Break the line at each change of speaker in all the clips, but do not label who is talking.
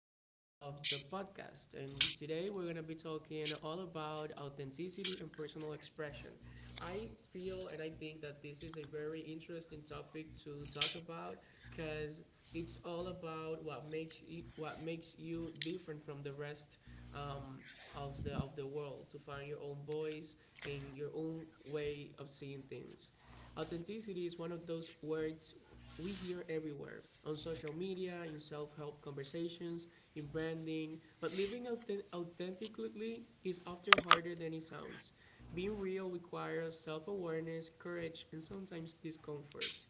episode of the podcast. And today we're going to be talking all about authenticity and personal expression. I feel and I think that this is a very interesting topic to talk about because it's all about what makes you different from the rest um, of the world, to find your own voice and your own way of seeing things. Authenticity is one of those words we hear everywhere, on social media, in self help conversations, in branding, but living authentically is often harder than it sounds. Being real requires self awareness, courage, and sometimes discomfort.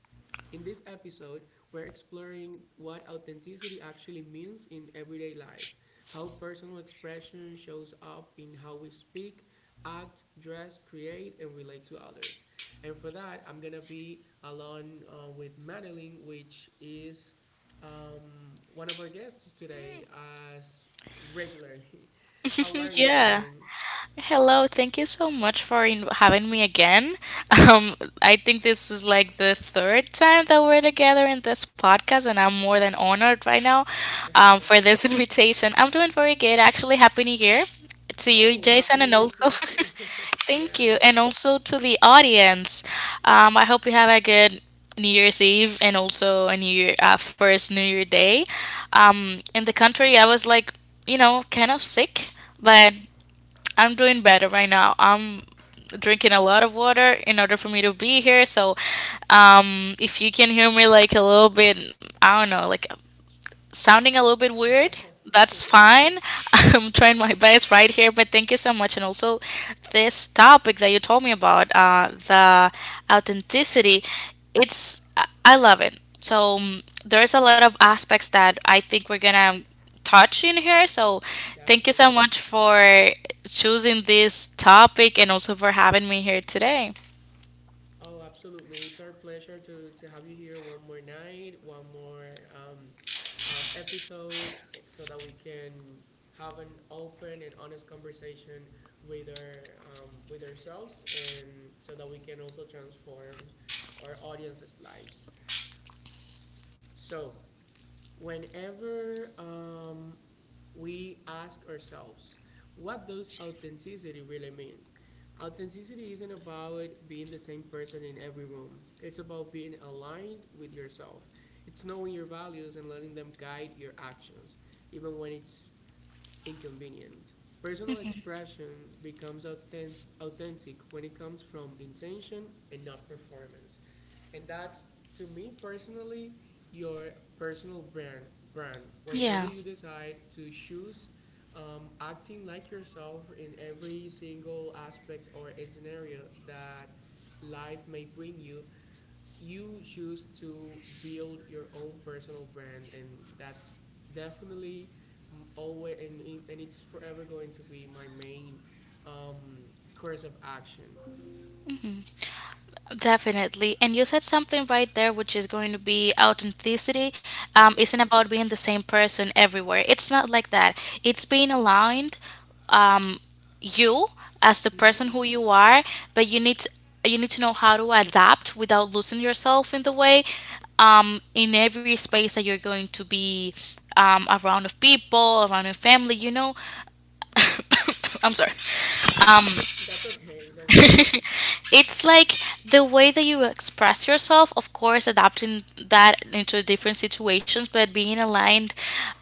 In this episode, we're exploring what authenticity actually means in everyday life, how personal expression shows up in how we speak, act, dress, create, and relate to others. And for that, I'm gonna be along with Madeline, which is one of our guests today, as regularly. How are you,
Yeah.
Madeline?
Hello. Thank you so much for having me again. Um, I think this is like the third time that we're together in this podcast, and I'm more than honored right now for this invitation. I'm doing very good. Actually, Happy New Year to you,
Oh, happy
Jason,
new
and
year to
also
you too.
thank
Yeah,
you,
yeah.
and also to the audience. I hope you have a good New Year's Eve and also a New Year first New Year Day. In the country, I was like, kind of sick, but I'm doing better right now. I'm drinking a lot of water in order for me to be here. So, if you can hear me like a little bit, I don't know, like sounding a little bit weird.
That's
That's
okay.
fine. I'm trying my best right here, but thank you so much. And also, this topic that you told me about, the authenticity, it's I love it. So there's a lot of aspects that I think we're gonna touch in here. So thank you so
Definitely.
much for choosing this topic and also for having me here today.
Oh, absolutely. It's our pleasure to have you here one more night, one more episode, eh, so that we can have an open and honest conversation with our with ourselves, and so that we can also transform our audience's lives. So, whenever we ask ourselves what does authenticity really mean. Authenticity isn't about being the same person in every room, it's about being aligned with yourself. It's knowing your values and letting them guide your actions, even when it's inconvenient. Personal expression becomes authentic when it comes from intention and not performance. And that's, to me personally, your personal brand
Yeah.
whenever you decide to choose, acting like yourself in every single aspect or scenario that life may bring you. You choose to build your own personal brand, and that's definitely always, and it's forever going to be my main, um, course of action.
Definitely. And you said something right there, which is going to be authenticity.
Mm-hmm.
Isn't about being the same person everywhere. It's not like that. It's being aligned, um, you as the person
Mm-hmm.
who you are, but you need to know how to adapt without losing yourself in the way, in every space that you're going to be around of people, around your family. You know, I'm sorry.
That's okay, don't worry.
It's like the way that you express yourself, of course adapting that into different situations, but being aligned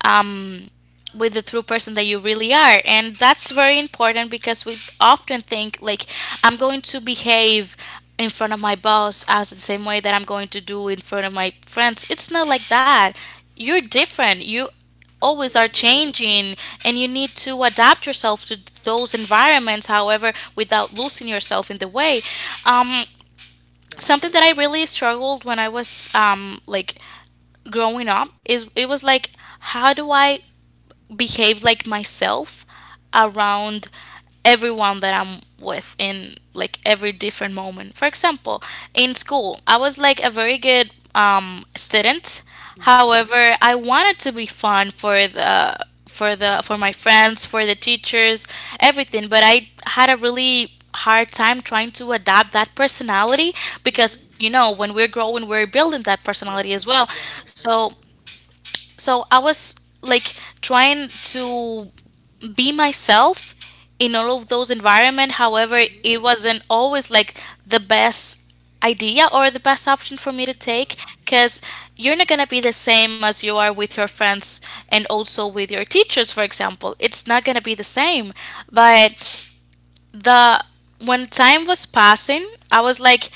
um with the true person that you really are. And that's very important because we often think like I'm going to behave in front of my boss as the same way that I'm going to do in front of my friends. It's not like that. You're different, you always are
Absolutely.
changing, and you need to adapt yourself to those environments, however without losing yourself in the way. um,
That's
Something
right.
that I really struggled when I was like growing up is it was like how do I behave like myself around everyone that I'm with in like every different moment. For example, in school, I was like a very good student.
Mhm.
However, I wanted to be fun for the for my friends, for the teachers, everything, but I had a really hard time trying to adapt that personality, because
Mhm.
you know when we're growing we're building that
Yeah.
personality as well.
Yeah,
so
agree.
so I was like trying to be myself in all of those environment. However,
Mhm.
it wasn't always like the best idea or the best option for me to
Yeah.
take, because you're not going to be the same as you are with your friends and also with your teachers, for example. It's not going to be the same, but the when time was passing I was like,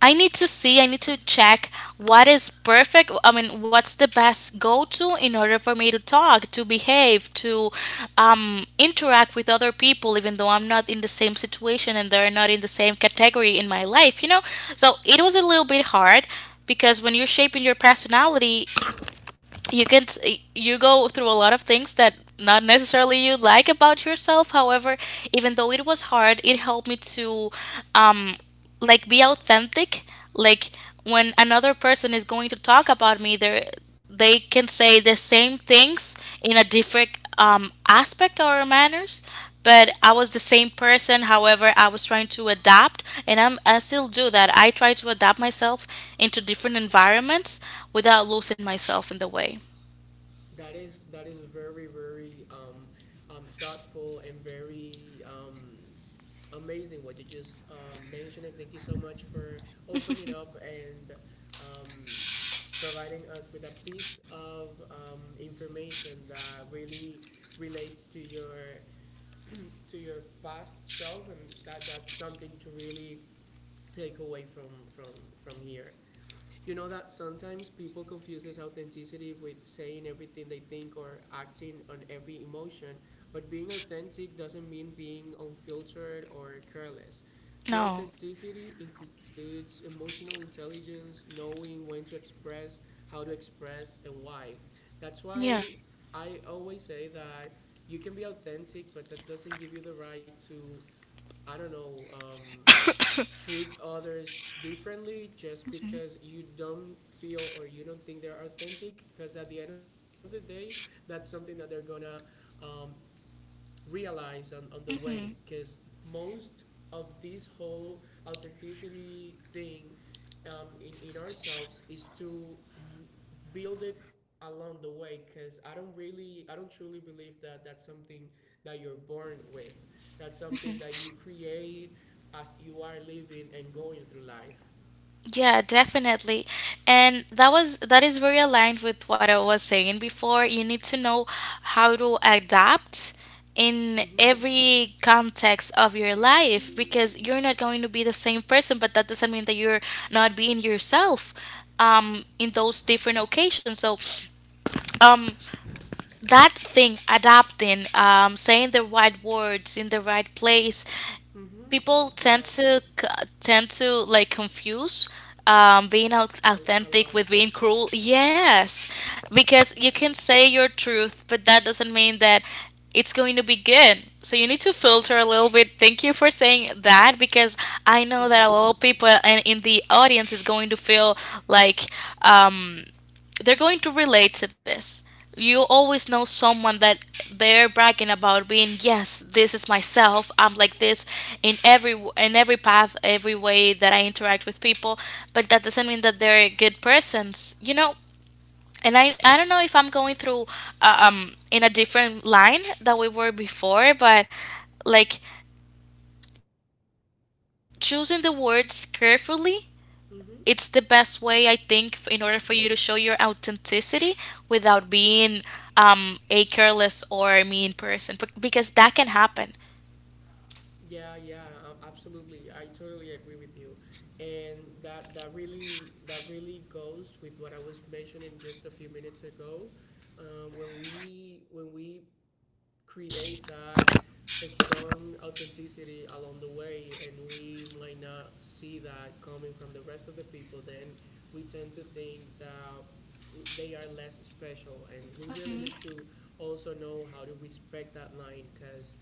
I need to see, I need to check what is perfect. I mean, what's the best go to in order for me to talk, to behave, to interact with other people, even though I'm not in the same situation and they're not in the same category in my life, you know? So it was a little bit hard, because when you're shaping your personality, you go through a lot of things that not necessarily you like about yourself. However, even though it was hard, it helped me to um like be authentic. Like when another person is going to talk about me, they can say the same things in a different aspect or manners, but I was the same person. However, I was trying to adapt, and I still do that. I try to adapt myself into different environments without losing myself in the way.
That is, that is very very thoughtful and very amazing what you just mentioned, and thank you so much for opening up and um providing us with a piece of information that really relates to your, to your past self, and that that's something to really take away from, from here. You know, that sometimes people confuses authenticity with saying everything they think or acting on every emotion, but being authentic doesn't mean being unfiltered or careless. True
No.
authenticity includes emotional intelligence, knowing when to express, how to express, and why. That's
Yeah.
why I always say that you can be authentic, but that doesn't give you the right to, I don't know, treat others differently just
Hmm.
because you don't feel or you don't think they're authentic, because at the end of the day, that's something that they're gonna, um, realize on the way,
Hmm.
because most of this whole authenticity thing, in ourselves is to build it along the way, because I don't really, I don't truly believe that that's something that you're born with. That's something
Hmm.
that you create as you are living and going through life.
Yeah, definitely. And that is very aligned with what I was saying before. You need to know how to adapt in
Mm-hmm.
every context of your life, because you're not going to be the same person, but that doesn't mean that you're not being yourself in those different occasions. So um that thing adapting, saying the right words in the right place,
Mm-hmm.
people
Yeah.
tend to c- tend to like confuse
A, a lot.
authentic with being cruel. Yes, because you
Yeah.
can say your truth, but that doesn't mean that it's going to be good. So you need to filter a little bit. Thank you for saying that, because I know that a lot
Mm-hmm.
of people and in the audience is going to feel like. Um, they're going to relate to this. You always know someone that they're bragging about being, yes, this is myself. I'm like this in every in every path, every way that I interact with people, but that doesn't mean that they're good persons, you know? And I don't know if I'm going through in a different line that we were before, but like choosing the words carefully, it's the best way I
Mm-hmm.
think in order for you to show your authenticity without being a careless or a mean person. Because that can happen.
Yeah, yeah, absolutely. I totally agree with you, and that that really, that really goes with what I was mentioning just a few minutes ago. When we, when we create that, a strong authenticity along the way, and we might not see that coming from the rest of the people, then we tend to think that they are less special, and we really
Mhm.
need to also know how to respect that line because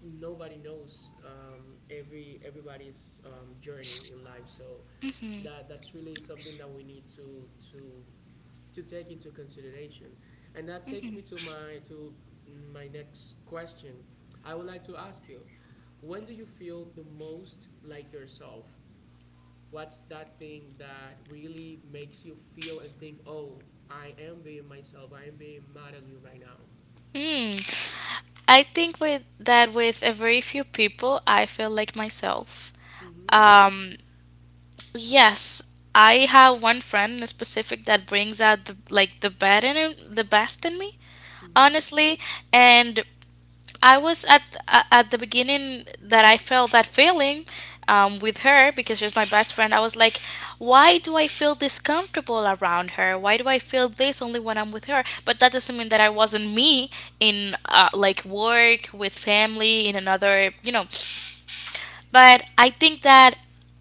nobody knows every everybody's journey in life. So
Mhm.
that, that's really something that we need to take into consideration, and that takes me
Mhm.
to my, to my next question. I would like to ask you: when do you feel the most like yourself? What's that thing that really makes you feel and think, "Oh, I am being myself. I am being Madeline right now."
Hmm. I think with that, with a very few people, I feel like myself.
Mm-hmm.
Um, yes, I have one friend in specific that brings out the, like the bad in him- the best in me,
Mm-hmm.
honestly, and I was at at the beginning that I felt that feeling with her because she's my best friend. I was like, why do I feel this comfortable around her? Why do I feel this only when I'm with her? But that doesn't mean that I wasn't me in like work with family in another, you know. But I think that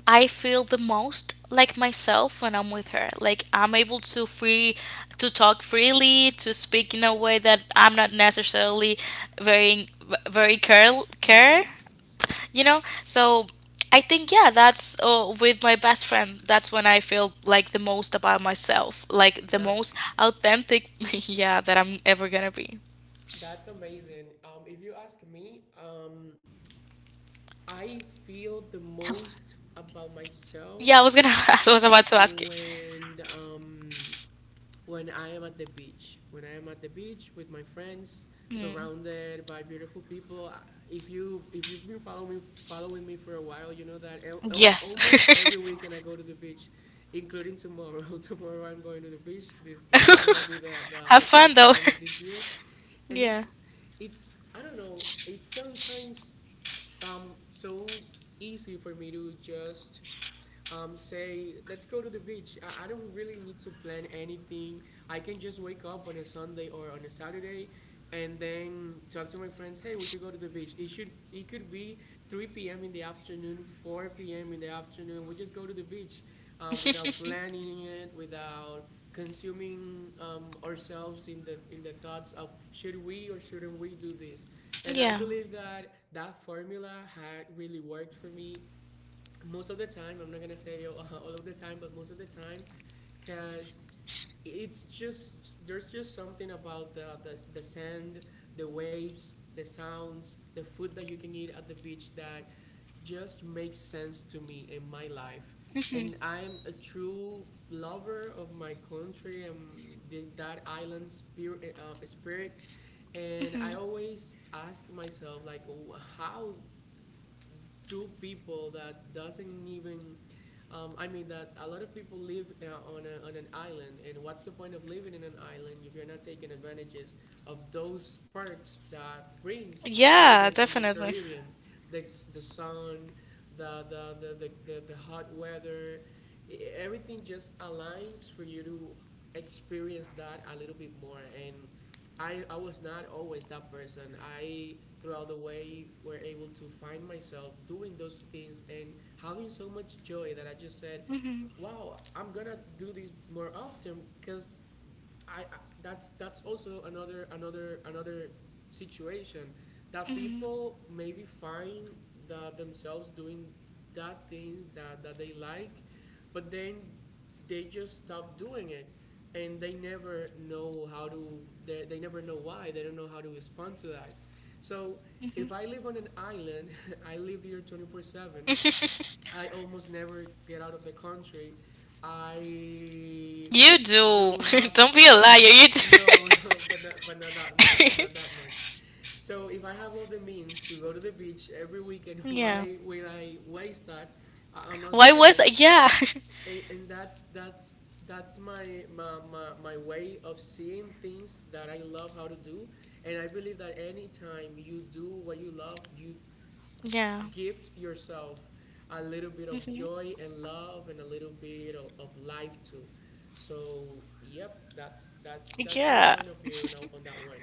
I feel the most like myself when I'm with her. Like I'm able to free to talk freely, to speak in a way that I'm not necessarily very very care care,
Mm-hmm.
you know? So I think yeah, that's with my best friend. That's when I feel like the most about myself, like the most
That's
authentic, yeah, that I'm ever going to be.
That's amazing. If you ask me, I feel the
Yeah, I was going to
most
I was
about
about to ask you.
myself when um, when I am at the beach. When I am at the beach with my friends,
Mm.
surrounded by beautiful people. If you, if you've been following me for a while, you know that
Yes.
almost every weekend I go to the beach, including tomorrow. Tomorrow I'm going to the beach. This is gonna be the, the
Have
the
fun
first
though.
time of this year, and
Yeah.
it's, I don't know. It's sometimes so easy for me to just say, let's go to the beach. I don't really need to plan anything. I can just wake up on a Sunday or on a Saturday, and then talk to my friends, hey, we should go to the beach. It should, it could be 3 p.m. in the afternoon, 4 p.m. in the afternoon. We just go to the beach, without planning it, without consuming ourselves in the, in the thoughts of should we or shouldn't we do this. And I
Yeah.
believe that that formula had really worked for me most of the time. I'm not gonna say, yo, all of the time, but most of the time. Because it's just, there's just something about the sand, the waves, the sounds, the food that you can eat at the beach, that just makes sense to me in my life.
Hmm.
And I'm a true lover of my country and that island spirit, spirit. And
Hmm.
I always ask myself like, oh, how, two people that doesn't even, I mean, that a lot of people live on, a, on an island, and what's the point of living in an island if you're not taking advantages of those perks that brings
Yeah,
living in the
definitely.
Caribbean? The sun, the the, the, the, the hot weather, everything just aligns for you to experience that a little bit more. And I was not always that person. I, throughout the way, were able to find myself doing those things and having so much joy that I just said,
Hmm.
wow, I'm gonna do this more often. Because I that's also another situation that
Hmm.
people maybe find that themselves doing that thing that, that they like, but then they just stop doing it, and they never know how to, they never know why, they don't know how to respond to that. So
Hmm.
if I live on an island, I live here 24/7. I almost never get out of the country. I
You do.
do have,
Don't be a liar. You do.
no, no, but not that much, not that much. So if I have all the means to go to the beach every weekend,
Yeah.
why will I waste that? I'm not
Why
doing
was
it,
yeah,
and that's, that's my, my way of seeing things that I love how to do, and I believe that anytime you do what you love, you
yeah.
gift yourself a little bit of
Hmm.
joy and love and a little bit of life too. So, yep, that's, that's my
Yeah,
point of view now on that one.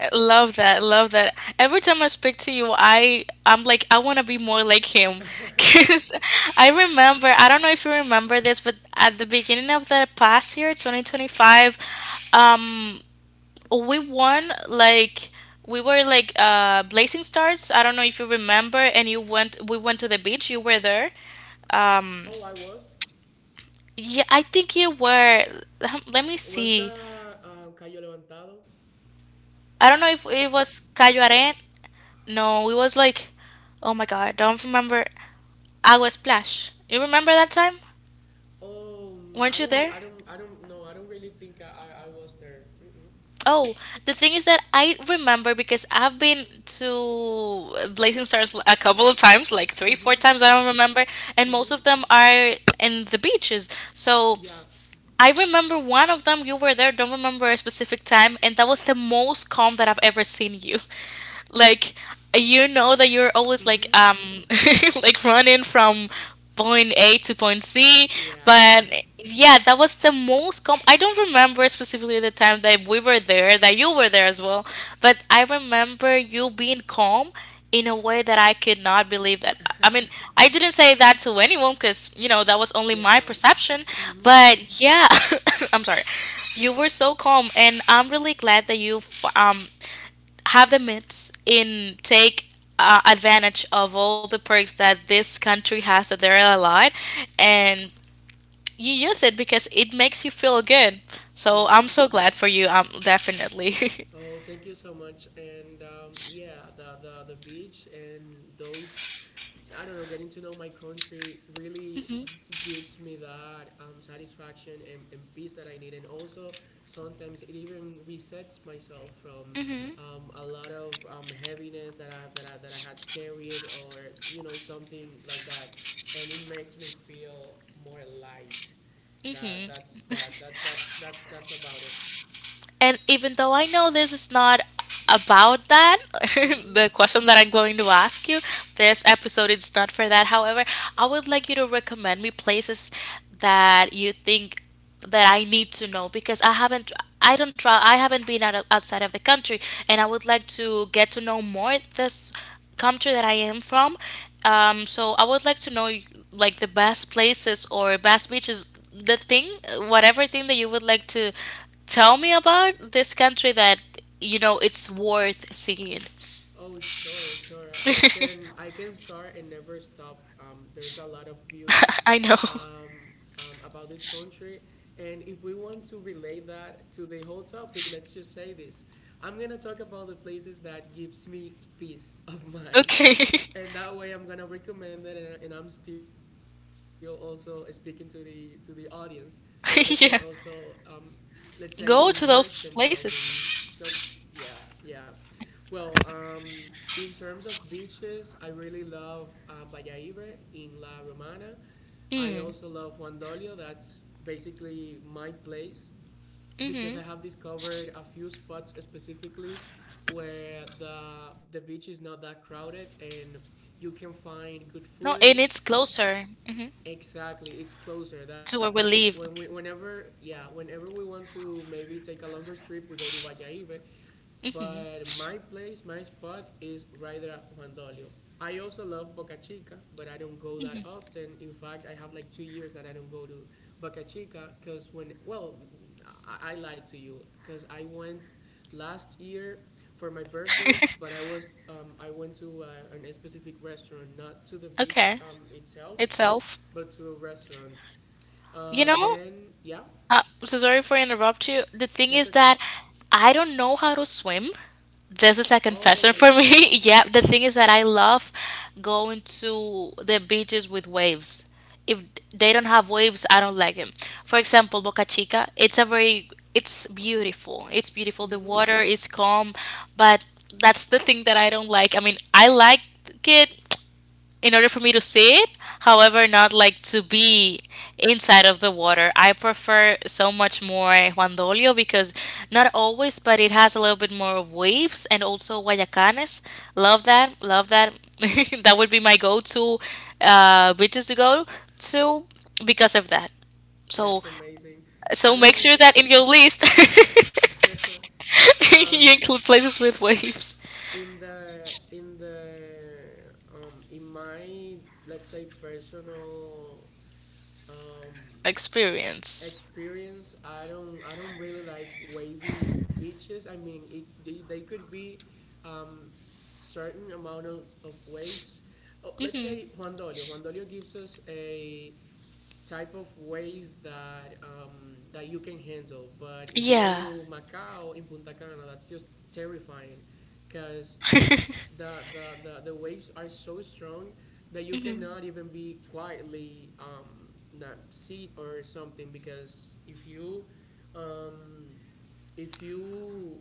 I love that. Love that. Every time I speak to you, I'm like I want to be more like him. Cuz I remember, I don't know if you remember this, but at the beginning of the past year, 2025, um we won like we were like blazing stars, I don't know if you remember, and you went we went to the beach, you were there. um
Oh, I was
yeah, I think you were. Let me
was
see.
that Cayo Levantado?
I don't know if it was Cayo Aren. No, it was like, oh my god, I don't remember. Agua Splash, you remember that time?
Oh,
Weren't you
mm,
there?
I don't, I don't know. I don't really think I, I was there. Mm-mm.
Oh, the thing is that I remember because I've been to Blazing Stars a couple of times, like three,
Mm-hmm.
four times, I don't remember, and
Mm-hmm.
most of them are in the beaches. So
Yeah.
I remember one of them, you were there, don't remember a specific time, and that was the most calm that I've ever seen you. Like you know that you're always like
Mm-hmm.
like running from point A to point C,
Yeah.
but yeah, that was the most com, I don't remember specifically the time that we were there, that you were there as well, but I remember you being calm in a way that I could not believe that. I mean, I didn't say that to anyone because, you know, that was only my
Yeah.
perception,
Mm-hmm.
but yeah, I'm sorry. You were so calm, and I'm really glad that you have the means in take advantage of all the perks that this country has that they're allowed, and you use it because it makes you feel good.
Yeah.
So I'm so glad for you, definitely.
Oh, thank you so much. And yeah, the beach and those, I don't know, getting to know my country really gives me that satisfaction and peace that I need. And also, sometimes it even resets myself from a lot of heaviness that that I had carried, or you know, something like that, and it makes me feel more light. That,
Mm-hmm.
that's that, that's that's about it.
And even though I know this is not about that,
Mm-hmm.
the question that I'm going to ask you, this episode is not for that. However, I would like you to recommend me places that you think that I need to know, because I don't travel, I haven't been outside of the country, and I would like to get to know more this country that I am from. So I would like to know like the best places or best beaches, the thing, whatever thing that you would like to tell me about this country that you know it's worth seeing.
Oh, sure, sure. I can, I can start and never stop. There's a lot of beauty
I know.
um, about this country, and if we want to relate that to the whole topic, let's just say this. I'm gonna talk about the places that gives me peace of mind,
Okay.
and that way I'm gonna recommend it, and I'm still also speaking to the, to the audience so that they can
yeah.
also, let's say,
Go to
immerse
those
themselves
places.
in. So yeah, yeah, well, in terms of beaches, I really love Vallaibe in La Romana. I
Mm.
also love Juan Dolio. That's basically my place because I
Mm-hmm.
have discovered a few spots specifically where the beach is not that crowded and you can
No, and it's
find good
closer
food.
hmm
Exactly,
to
it's
where we
closer.
live.
That's when we, whenever whenever we want to maybe take a longer trip, we go to Vallaive,
Hmm
but my place, my spot is right there at Juan Dolio. I also love Boca Chica, but I don't go that
hmm
often. In fact, I have like 2 years that I don't go to Boca Chica because I lied to you because I went last year for my birthday, but I was, I went to an specific restaurant, not to the beach
Okay.
itself,
Itself.
but to a restaurant.
You know,
Yeah,
so sorry for interrupt you. The thing
that's
is
okay.
that I don't know how to swim. This is a confession
Oh,
for me. yeah, the thing is that I love going to the beaches with waves. If they don't have waves, I don't like them. For example, Boca Chica, it's a very it's beautiful. It's beautiful. The
mm-hmm.
water is calm, but that's the thing that I don't like. I mean, I like it in order for me to see it, however, not like to be inside of the water. I prefer so much more Juan Dolio because not always, but it has a little bit more of waves, and also Guayacanes. Love that. Love that. that would be my go to beaches to go to because of that. So,
That's amazing. I
so make
don't.
sure that in your list you
um
include places with waves
in the in my, let's say, personal um
experience.
experience, I don't really like wavy beaches. I mean, it they could be um certain amount of waves. Oh, let's
Hmm
say Juan Dolio gives us a type of wave that that you can handle. But if you go
Yeah.
to Macau in Punta Cana, that's just terrifying because the waves are so strong that you cannot even be quietly, not sit or something, because if you um, if you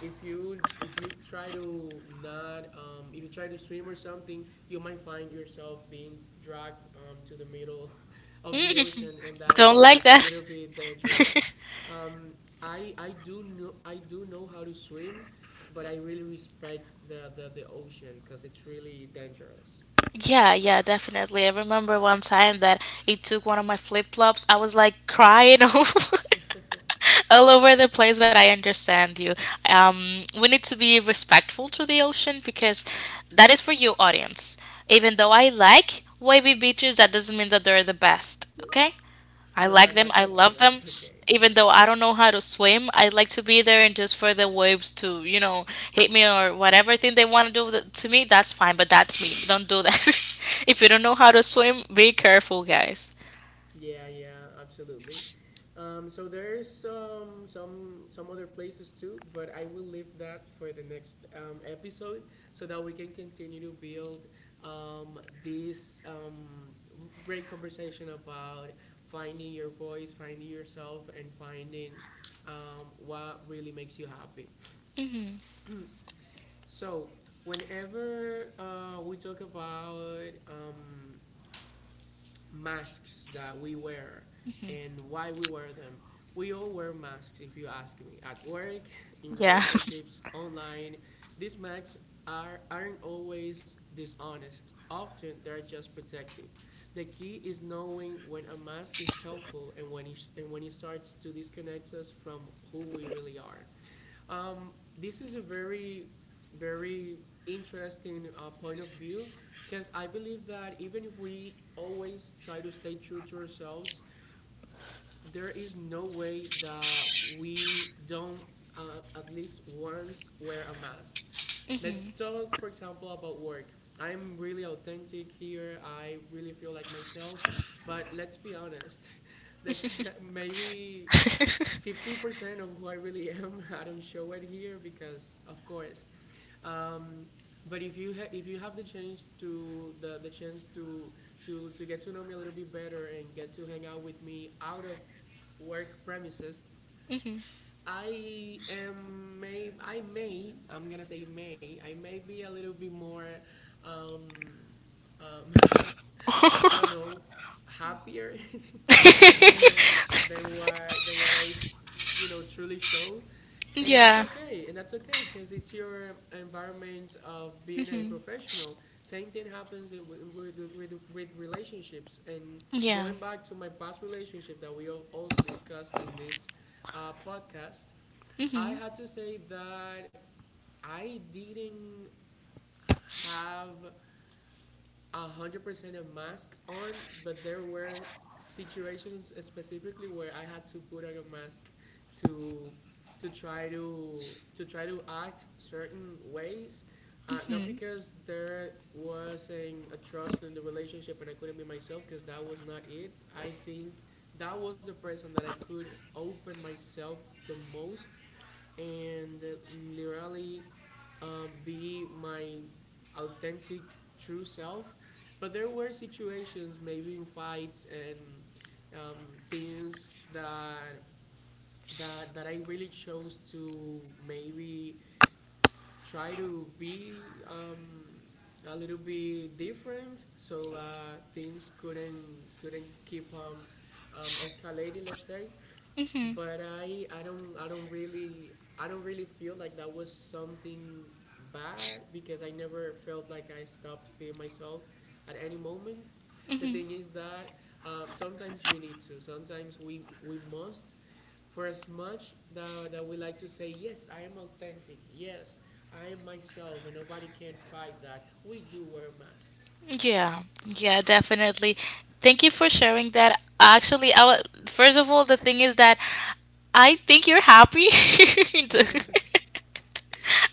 if you try to not, if you try to swim or something, you might find yourself being dragged, to the middle of the
Mm,
ocean, and
don't
that's
like
that's a
that.
little bit dangerous. um, I do know, I do know how to swim, but I really respect the ocean because it's really dangerous.
Yeah, yeah, definitely. I remember one time that it took one of my flip-flops. I was like crying over all over the place, but I understand you. We need to be respectful to the ocean because that is for you, audience. Even though I like wavy beaches, that doesn't mean that they're the best, okay? I
No,
like them. I love
that's
them.
okay.
Even though I don't know how to swim, I like to be there and just for the waves to, you know, hit me or whatever thing they want to do to me, that's fine, but that's me. Don't do that. If you don't know how to swim, be careful, guys.
Yeah, yeah, absolutely. So there's, some other places too, but I will leave that for the next episode so that we can continue to build, um, this great conversation about finding your voice, finding yourself, and finding what really makes you happy.
Hmm
So whenever we talk about, masks that we wear and why we wear them. We all wear masks, if you ask me, at work, in
Yeah.
relationships, online. These masks are, aren't always dishonest. Often, they're just protective. The key is knowing when a mask is helpful and and when it starts to disconnect us from who we really are. Um, this is a very, very interesting point of view, because I believe that even if we always try to stay true to ourselves, there is no way that we don't, at least once, wear a mask. Let's
hmm
talk, for example, about work. I'm really authentic here. I really feel like myself. But let's be honest. Let's maybe 50% of who I really am, I don't show it here because, of course. Um, but if you have the chance to to get to know me a little bit better and get to hang out with me out of work premises, I'm gonna say may I may be a little bit more, um, um, I don't know, happier than than what I, you know, truly show,
Yeah.
and that's okay because it's your environment of being a
hmm
professional. Same thing happens with with relationships, and
Yeah.
going back to my past relationship that we also discussed in this podcast, I
hmm
had to say that I didn't have 100% a mask on, but there were situations specifically where I had to put on a mask to to try to act certain ways. Not
hmm
because there wasn't a trust in the relationship and I couldn't be myself, because that was not it. I think that was the person that I could open myself the most and, literally, be my authentic, true self. But there were situations, maybe in fights and, things that that I really chose to maybe try to be, a little bit different, so that things couldn't keep, escalating. Let's say,
hmm
but I don't really feel like that was something bad, because I never felt like I stopped being myself at any moment. The thing is that, sometimes you need to. Sometimes we must. For as much that we like to say, yes, I am authentic. Yes, I am myself, and nobody can fight that. We do wear masks.
Yeah, yeah, definitely. Thank you for sharing that. Actually, I wa first of all, the thing is that I think you're happy.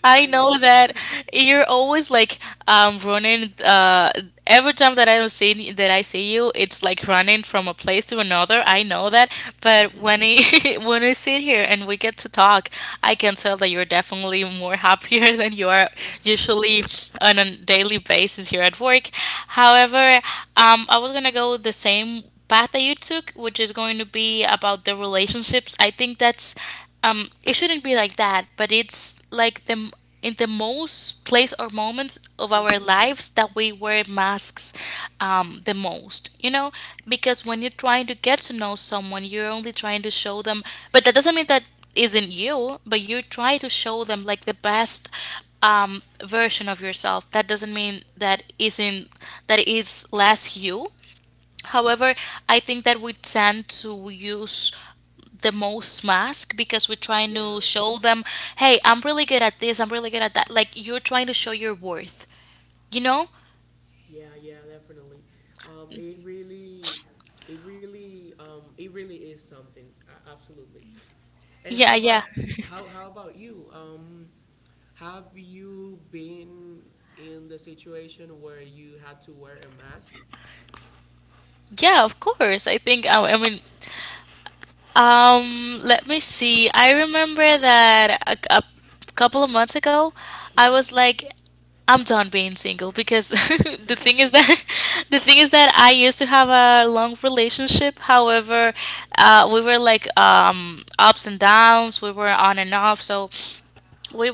I
I
know
am.
that you're always like running every time that I don't see that I see you, it's like running from a place to another. I know that, but when I when I sit here and we get to talk, I can tell that you're definitely more happier than you are usually on a daily basis here at work. However, I was gonna go the same path that you took, which is going to be about the relationships. I think that's it shouldn't be like that, but it's like in the most place or moments of our
Hmm.
lives that we wear masks, the most, you know, because when you're trying to get to know someone, you're only trying to show them, but that doesn't mean that isn't you, but you try to show them like the best version of yourself. That doesn't mean that isn't that is less you. However, I think that we tend to use the most mask because we're trying
Yeah.
to show them, hey, I'm really good at this, I'm really good at that. Like you're trying to show your worth, you know?
Yeah, yeah, definitely. It really, it really is something. Absolutely. And
Yeah,
how
yeah.
about, how about you? Have you been in the situation where you had to wear a mask?
Yeah, of course. I think, I mean, let me see. I remember that a couple of months ago, I
Mm-hmm.
was like, I'm done being single because the thing is that the thing is that I used to have a long relationship. However, we were like ups and downs. We were on and off. So we,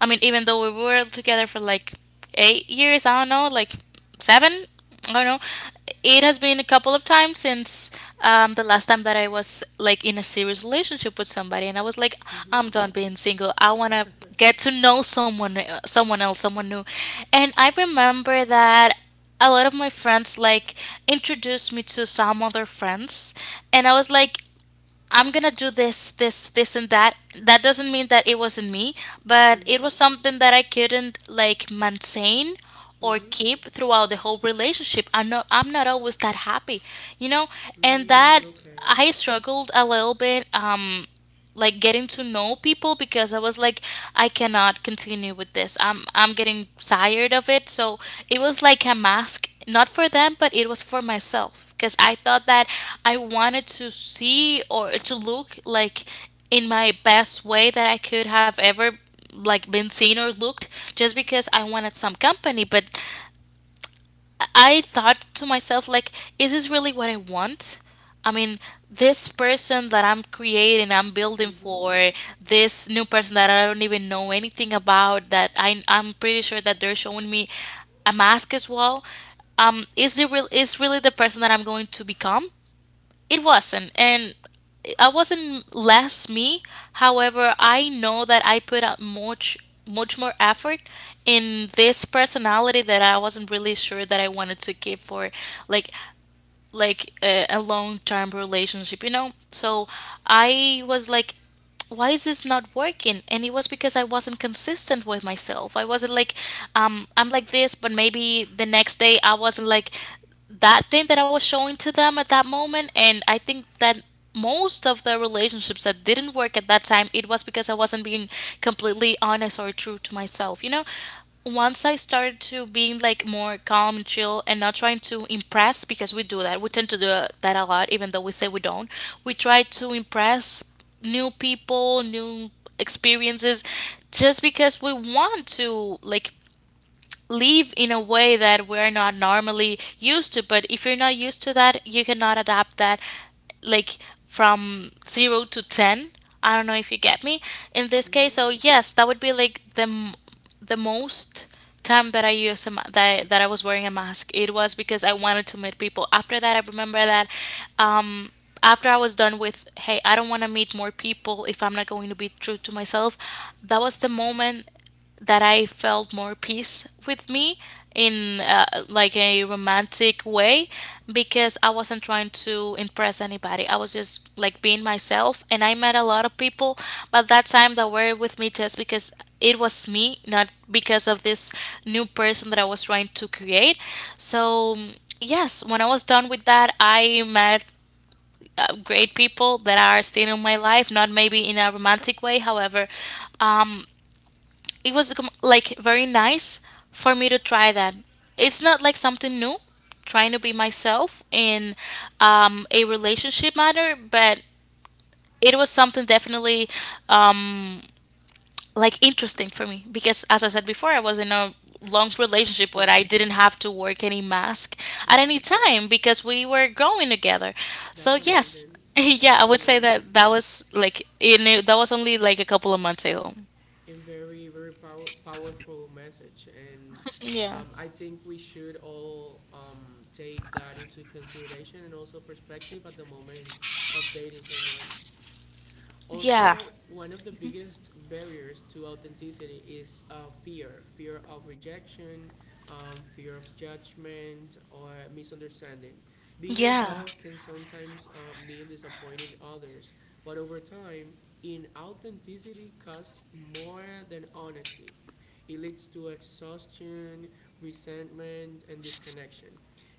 I mean, even though we were together for like 8 years, I don't know, like seven, I don't know, it has been a couple of times since the last time that I was like in a serious relationship with somebody, and I was like,
Mm-hmm.
I'm done being single. I want to get to know someone, someone else, someone new. And I remember that a lot of my friends like introduced me to some other friends, and I was like, I'm gonna do this, this, this, and that. That doesn't mean that it wasn't me, but it
Mm-hmm.
was something that I couldn't like maintain or
Mm-hmm.
keep throughout the whole relationship. I'm not always that happy, you know, and that
Mm, okay.
I struggled a little bit. Like getting to know people because I was like, I cannot continue with this. I'm getting tired of it. So it was like a mask not for them, but it was for myself, because I thought that I wanted to see or to look like in my best way that I could have ever like been seen or looked, just because I wanted some company. But I thought to myself, like, is this really what I want? I mean, this person that I'm creating, I'm building
Mm-hmm.
for, this new person that I don't even know anything about, that I'm pretty sure that they're showing me a mask as well. Is it real? Is really the person that I'm going to become? It wasn't. And I wasn't less me. However, I know that I put out much much more effort in this personality that I wasn't really sure that I wanted to keep for like like a long-term relationship, you know? So I was like, why is this not working? And it was because I wasn't consistent with myself. I wasn't like, I'm like this, but maybe the next day I wasn't like that thing that I was showing to them at that moment. And I think that most of the relationships that didn't work at that time, it was because I wasn't being completely honest or true to myself. You know, once I started to being like more calm and chill and not trying to impress, because we do that, we tend to do that a lot, even though we say we don't. We try to impress new people, new experiences, just because we want to like live in a way that we're not normally used to. But if you're not used to that, you cannot adapt that like from zero to 10. I don't know if you get me in this case.
Mm-hmm.
So, yes, that would be like the most time that I used that I was wearing a mask. It was because I wanted to meet people. After that, I remember that um, after I was done with, hey, I don't want to meet more people if I'm not going to be true to myself, that was the moment that I felt more peace with me in like a romantic way, because I wasn't trying to impress anybody. I was just like being myself, and I met a lot of people, but that time that were with me just because it was me, not because of this new person that I was trying to create. So mm, yes, when I was done with that, I met great people that are still in my life, not maybe in a romantic way. However, um, it was like very nice for me to try that. It's not like something new, trying to be myself in a relationship matter, but it was something definitely um, like interesting for me because, as I said before, I was in a long relationship where I
Yeah.
didn't have to work any mask
Yeah.
at any time because we were growing together. So
That's
yes,
amazing.
yeah, I
That's
would say
amazing.
that that was like in that was only like a couple of months ago.
And very powerful message, and,
Yeah.
I think we should all, take that into consideration and also perspective at the moment of dating someone.
Yeah.
Also, one of the biggest barriers to authenticity is, fear of rejection, fear of judgment, or misunderstanding. Being
Yeah.
yourself can sometimes, mean disappointing others, but over time, inauthenticity costs more than honesty. It leads to exhaustion, resentment, and disconnection.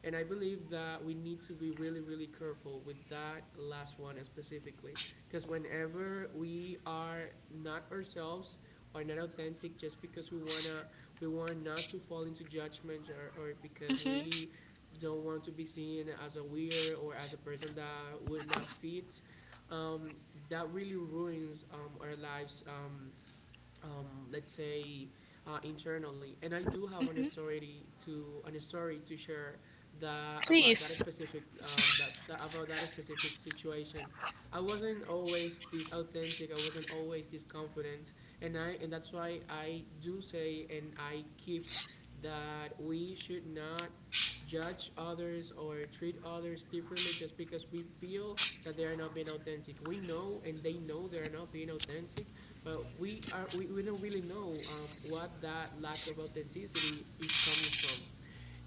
And I believe that we need to be really, really careful with that last one specifically. Because whenever we are not ourselves or not authentic just because we want not to fall into judgment, or because
Mm-hmm.
we don't want to be seen as a weird or as a person that we're not fit, um, that really ruins, our lives, let's say, internally. And I do have an
Mm-hmm.
story to share that about that
Please.
specific, that, that about that specific situation. I wasn't always this authentic, I wasn't always this confident, and that's why I do say and I keep that we should not judge others or treat others differently just because we feel that they are not being authentic. We know and they know they are not being authentic, but we don't really know, what that lack of authenticity is coming from.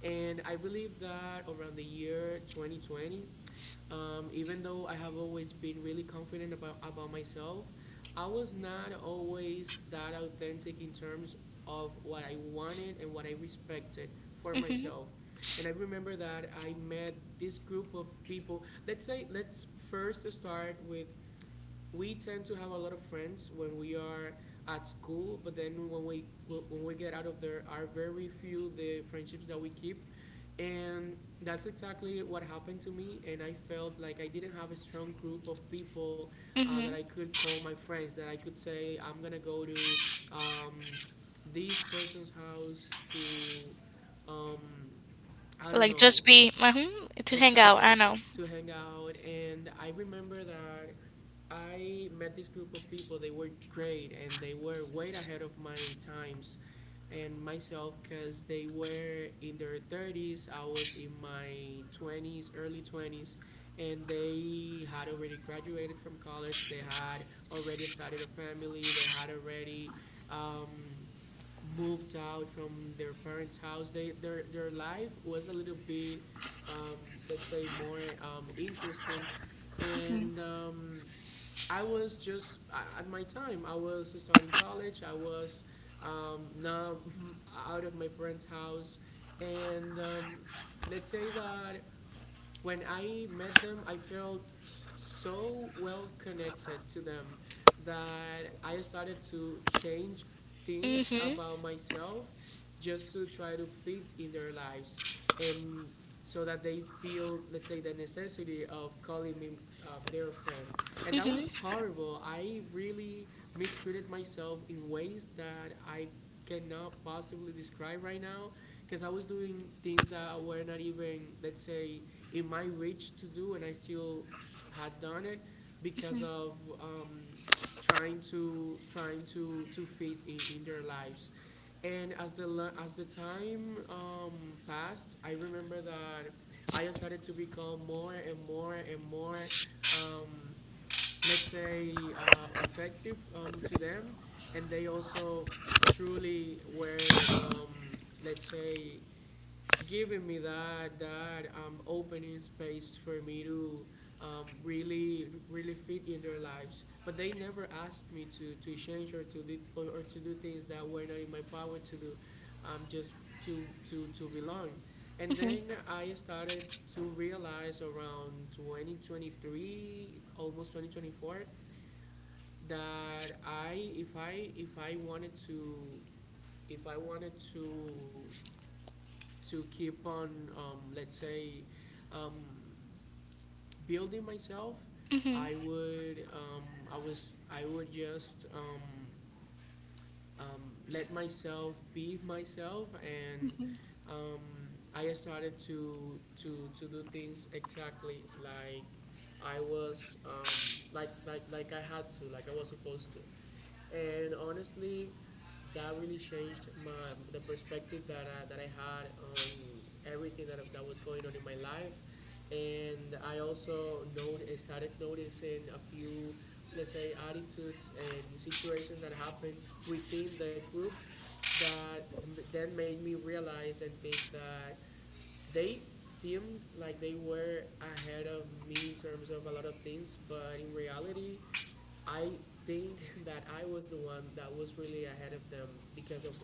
And I believe that around the year 2020, even though I have always been really confident about myself, I was not always that authentic in terms of what I wanted and what I respected for
Mm-hmm.
myself. And I remember that I met this group of people. Let's say, let's first start with, we tend to have a lot of friends when we are at school, but then when we get out of there, are very few the friendships that we keep, and that's exactly what happened to me. And I felt like I didn't have a strong group of people, that I
Mm-hmm.
could call my friends, that I could say I'm gonna go to, um, this person's house to, um, I don't
Like
know.
just be mm-hmm, to hang out. I
Exactly,
know.
to hang out. And I remember that I met this group of people. They were great and they were way ahead of my times and myself because they were in their 30s. I was in my 20s, early 20s, and they had already graduated from college. They had already started a family. They had already. Um, Moved out from their parents' house, they their life was a little bit, um, let's say, more, interesting, and,
Mm-hmm.
I was just at my time. I was starting college. I was, now out of my parents' house, and, let's say that when I met them, I felt so well connected to them that I started to change things
Mm-hmm.
about myself just to try to fit in their lives and so that they feel, let's say, the necessity of calling me, their friend. And that was
Mm-hmm.
horrible. I really mistreated myself in ways that I cannot possibly describe right now because I was doing things that were not even, let's say, in my reach to do, and I still had done it because of, trying to fit in their lives. And as the, as the time, passed, I remember that I started to become more and more and more, um, let's say, effective, to them, and they also truly were, let's say, giving me that, opening space for me to, really really fit in their lives, but they never asked me to change or to do or to do things that were not in my power to do, just to to belong. And then I started to realize around 2023, almost 2024, that I if I if I wanted to, if i wanted to to keep on, let's say, um, building myself,
Mm-hmm.
I would, I would just, let myself be myself, and,
Mm-hmm.
I started to to do things exactly like I was, like I had to, like I was supposed to. And honestly, that really changed my, the perspective that that I had on everything that that was going on in my life, and I also not started noticing a few, let's say, attitudes and situations that happened within the group that then made me realize and think that they seemed like they were ahead of me in terms of a lot of things, but in reality I think that I was the one that was really ahead of them because of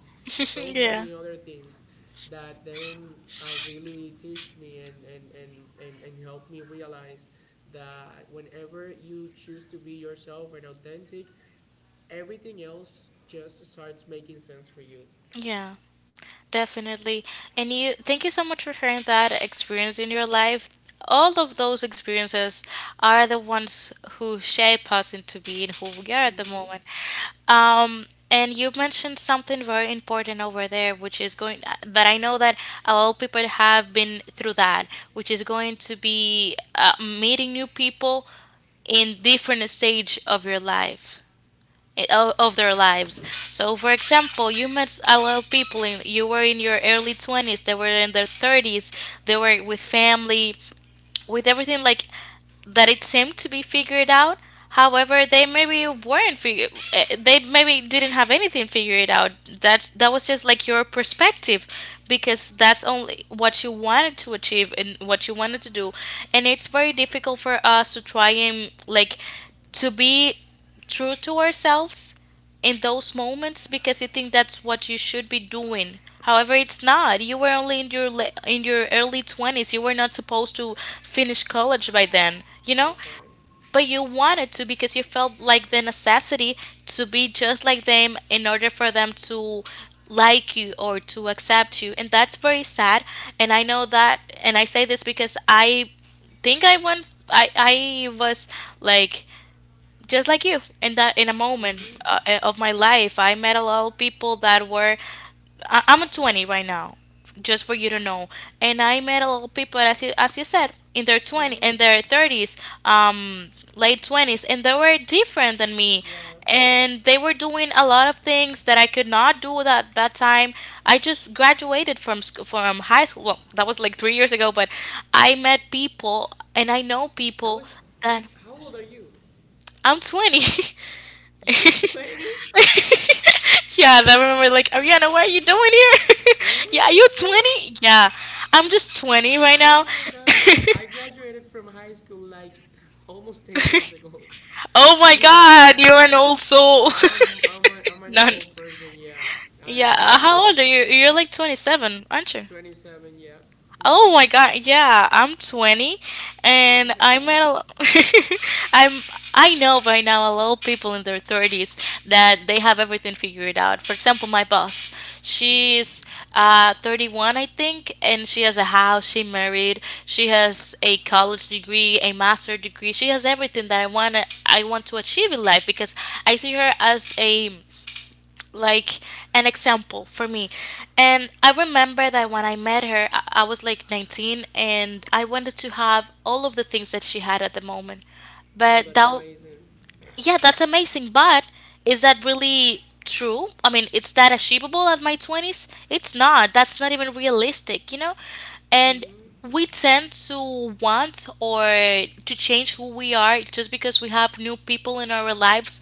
so
Yeah.
many other things that then really teached me and helped me realize that whenever you choose to be yourself and authentic, everything else just starts making sense for you.
Yeah. Definitely. And you thank you so much for sharing that experience in your life. All of those experiences are the ones who shape us into being who we are at the
Mm-hmm.
moment. Um, and you mentioned something very important over there, which is going that I know that a lot of people have been through that, which is going to be meeting new people in different stage of your life, of their lives. So, for example, you met a lot of people. In, you were in your early 20s. They were in their 30s. They were with family, with everything like that. It seemed to be figured out. However, they maybe weren't. They maybe didn't have anything figured out. That that was just like your perspective, because that's only what you wanted to achieve and what you wanted to do, and it's very difficult for us to try and like to be true to ourselves in those moments because you think that's what you should be doing. However, it's not. You were only in your early 20s. You were not supposed to finish college by then, you know?
That's right.
But you wanted to because you felt like the necessity to be just like them in order for them to like you or to accept you. And that's very sad. And I know that, and I say this because I was like just like you in a moment
Mm-hmm.
of my life. I met a lot of people that were I'm 20 right now, just for you to know, and I met a lot of people, as you said,
Mm-hmm.
in their 30s, um late 20s, and they were different than me,
Yeah.
and they were doing a lot of things that I could not do at that time. I just graduated from school from high school. Well, that was like 3 years ago. But I met people and I know
That
people
was
that
three. How old are you?
I'm 20.
You're 20?
Yeah, I remember, like, Ariana, what are you doing here?
What?
Yeah, are you 20? Yeah, I'm just 20 right
Oh
now.
my god. I graduated from high school like almost 10 years ago.
Oh my
Oh my
God,
god.
you're an old soul.
I'm an
None.
old person, yeah. I am
Yeah,
an old
how
person.
old are you? You're like 27, aren't you?
27, yeah.
Oh
Mhm.
my God, yeah, I'm 20
Oh
and
my
I
god.
met a I'm I know by now a lot of people in their 30s that they have everything figured out. For example, my boss,
Mhm.
she's 31, I think, and she has a house, she married, she has a college degree, a master degree. She has everything that I want to achieve in life, because I see her as a like an example for me. And I remember that when I met her, I was like 19 and I wanted to have all of the things that she had at the moment.
Oh,
But
that's
that,
amazing.
yeah, that's amazing. But is that really true? I mean, is that achievable at my 20s? It's not. That's not even realistic, you know? And
Mhm.
we tend to want, or to change, who we are just because we have new people in our lives,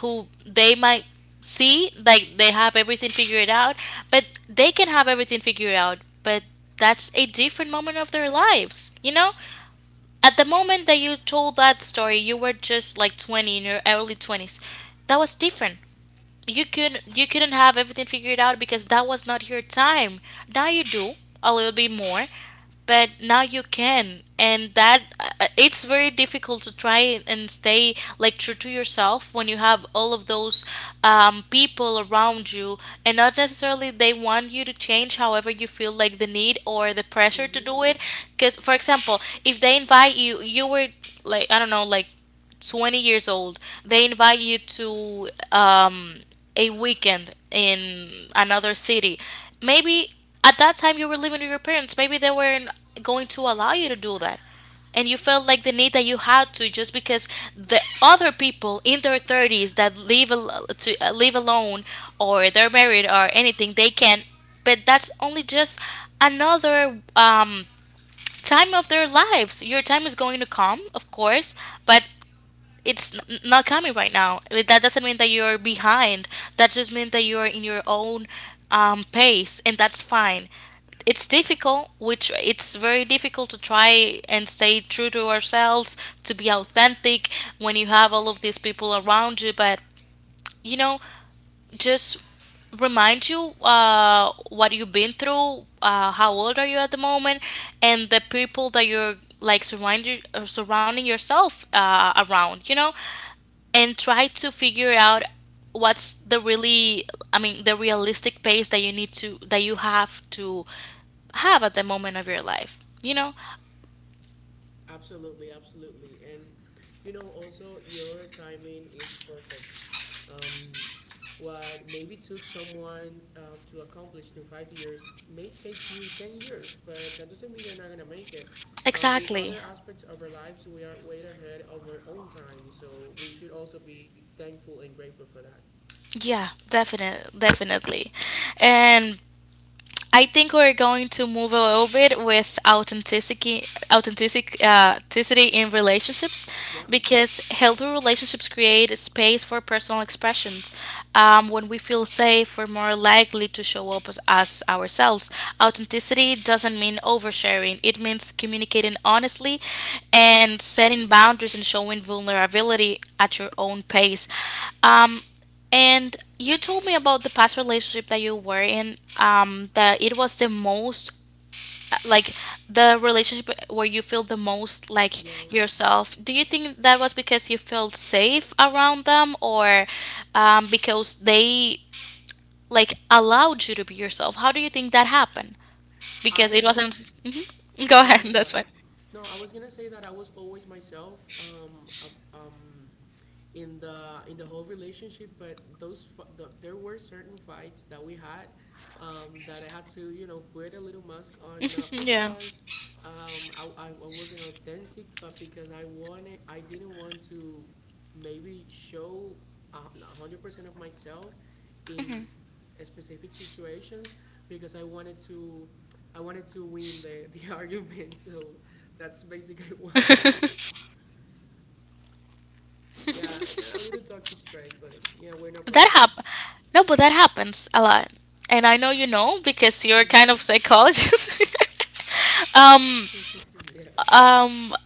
who they might see like they have everything figured out. But they can have everything figured out. But that's a different moment of their lives, you know. At the moment that you told that story, you were just like 20, in your early 20s. That was different. You could you couldn't have everything figured out because that was not your time. Now you do a little bit more, but now you can. And that it's very difficult to try and stay like true to yourself when you have all of those people around you, and not necessarily they want you to change. However, you feel like the need or the pressure to
Mhm.
do it. Because, for example, if they invite you, you were like, I don't know, like 20 years old, they invite you to a weekend in another city. Maybe at that time you were living with your parents, maybe they were in going to allow you to do that. And you felt like the need that you had to, just because the other people in their 30s that live al- to live alone, or they're married or anything, they can. But that's only just another time of their lives. Your time is going to come, of course, but it's not coming right now. Like, that doesn't mean that you're behind. That just means that you're in your own pace, and that's fine. It's difficult, which it's very difficult to try and stay true to ourselves, to be authentic when you have all of these people around you. But you know, just remind you what you've been through, how old are you at the moment, and the people that you're like surrounding yourself around. You know, and try to figure out what's the really I mean the realistic pace that you have to have at the moment of your life, you know.
Absolutely, absolutely. And you know, also your timing is perfect. Um, what maybe took someone to accomplish in 5 years may take you 10 years, but that doesn't mean you're not going to make it. In
Exactly.
other aspects of our lives, we are way ahead of our own time, so we should also be thankful and grateful for that.
Yeah, definitely, definitely. And I think we're going to move a little bit with authenticity in relationships,
Yeah,
because healthy relationships create a space for personal expression. When we feel safe, we're more likely to show up as ourselves. Authenticity doesn't mean oversharing; it means communicating honestly, and setting boundaries, and showing vulnerability at your own pace. Um, and you told me about the past relationship that you were in, that it was the most, like, the relationship where you feel the most like
yeah.
yourself. Do you think that was because you felt safe around them, or because they like allowed you to be yourself? How do you think that happened? Because
I,
it
oh,
wasn't. Mhm. Go
oh, I'm
ahead. That's
sorry.
fine.
No, I was going to say that I was always myself. Um, in the whole relationship. But there were certain fights that we had that I had to, you know, put a little mask on, not
Yeah.
because I wasn't authentic, but because I didn't want to maybe show 100% of myself in
Mhm.
specific situations because I wanted to win the the argument, so that's basically why. Yeah, a little toxic trait, but yeah, we're not
That hap
perfect.
No, but that happens a lot. And I know, you know, because you're kind
Mm-hmm.
of psychologist. um
Yeah.
um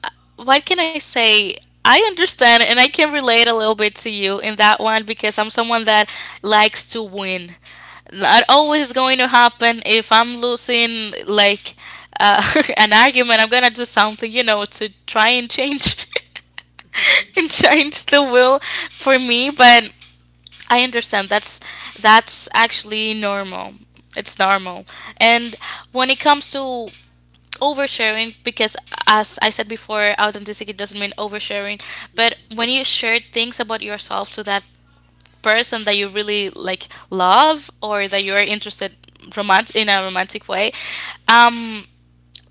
what can I say? I understand, and I can relate a little bit to you in that one, because I'm someone that likes to win. Not always going to happen. If I'm losing, like, uh, an argument, I'm gonna do something, to try and change and change the will for me. But I understand. That's actually normal. It's normal. And when it comes to oversharing, because as I said before, authenticity doesn't mean oversharing,
Yeah.
but when you share things about yourself to that person that you really, like, love, or that you're interested romant in a romantic way, um,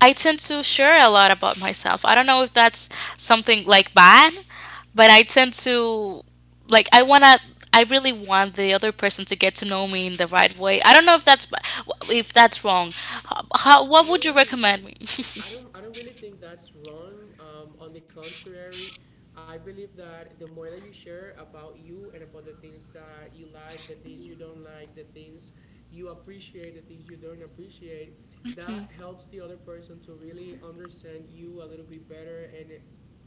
I tend to share a lot about myself. I don't know if that's something like bad, but I tend to like I want to I really want the other person to get to know me in the right way. I don't know if that's if that's wrong. How,
I
what would you
don't
recommend me?
I don't I don't really think that's wrong. On the contrary, I believe that the more that you share about you and about the things that you like, the things you don't like, the things you appreciate, the things you don't appreciate,
Mhm.
that helps the other person to really understand you a little bit better and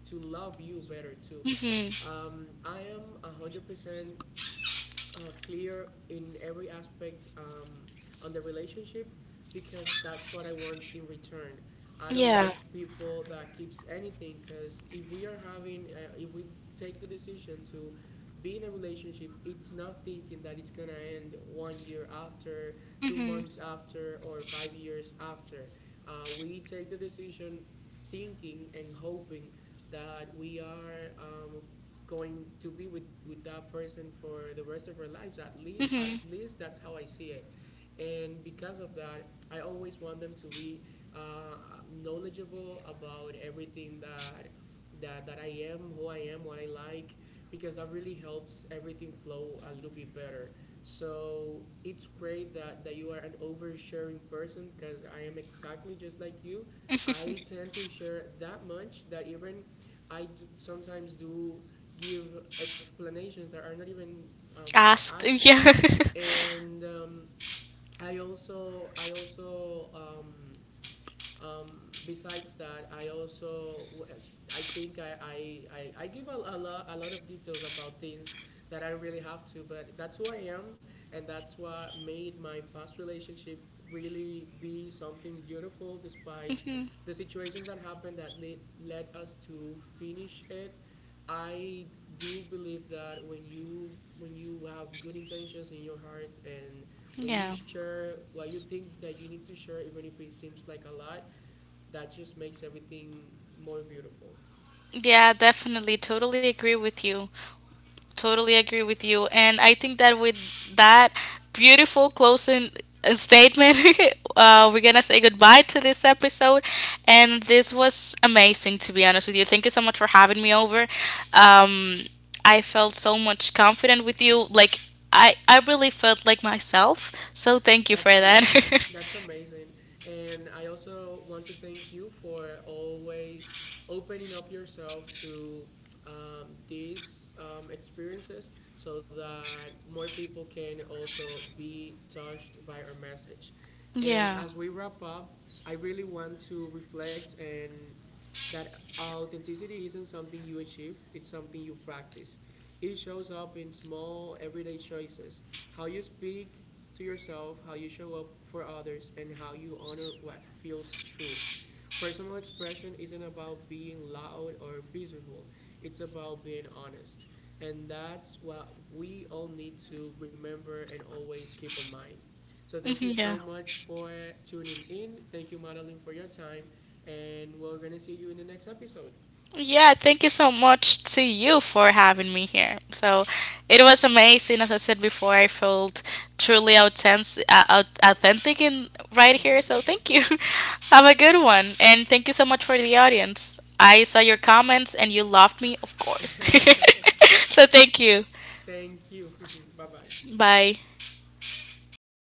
to love you better too.
Mhm.
I am 100% clear in every aspect on the relationship because that's what I want in return. I don't
Yeah.
like people that keeps anything because if we are having, if we take the decision to be in a relationship, it's not thinking that it's gonna end 1 year after, two
Mhm.
months after, or 5 years after. We take the decision thinking and hoping that we are going to be with that person for the rest of our lives, at least
Mhm.
that's how I see it. And because of that, I always want them to be uh, knowledgeable about everything, that I am, who I am, what I like, because that really helps everything flow a little bit better. So it's great that you are an oversharing person, because I am exactly just like you. I tend to share that much that even sometimes do give explanations that are not even um,
Asked.
asked,
Yeah.
and I also besides that, I also I think I give a lot of details about things that I really have to, but that's who I am, and that's what made my past relationship really be something beautiful, despite
Mhm.
the situations that happened that led us to finish it. I do believe that when you have good intentions in your heart, and when you
Yeah.
share what you think that you need to share, even if it seems like a lot, that just makes everything more beautiful.
Yeah, definitely, totally agree with you. Totally agree with you. And I think that with that beautiful closing statement, we're going to say goodbye to this episode. And this was amazing, to be honest with you. Thank you so much for having me over. Um, I felt so much confident with you. Like, I really felt like myself. So thank you for
That's
that.
amazing. That's amazing. And I also want to thank you for always opening up yourself to these experiences so that more people can also be touched by our message. And
Yeah.
as we wrap up, I really want to reflect and that authenticity isn't something you achieve, it's something you practice. It shows up in small everyday choices. How you speak to yourself, how you show up for others, and how you honor what feels true. Personal expression isn't about being loud or visible, it's about being honest. And that's what we all need to remember and always keep in mind. So, thank you
Yeah.
so much for tuning in. Thank you, Madeline, for your time. And we're going to see you in the next episode.
Yeah, thank you so much to you for having me here. So it was amazing. As I said before, I felt truly authentic in right here.
Mm-hmm.
So thank you. Have a good one. And thank you so much for the audience. I saw your comments, and you loved me, of course. So thank you.
Thank you. Bye bye.
Bye.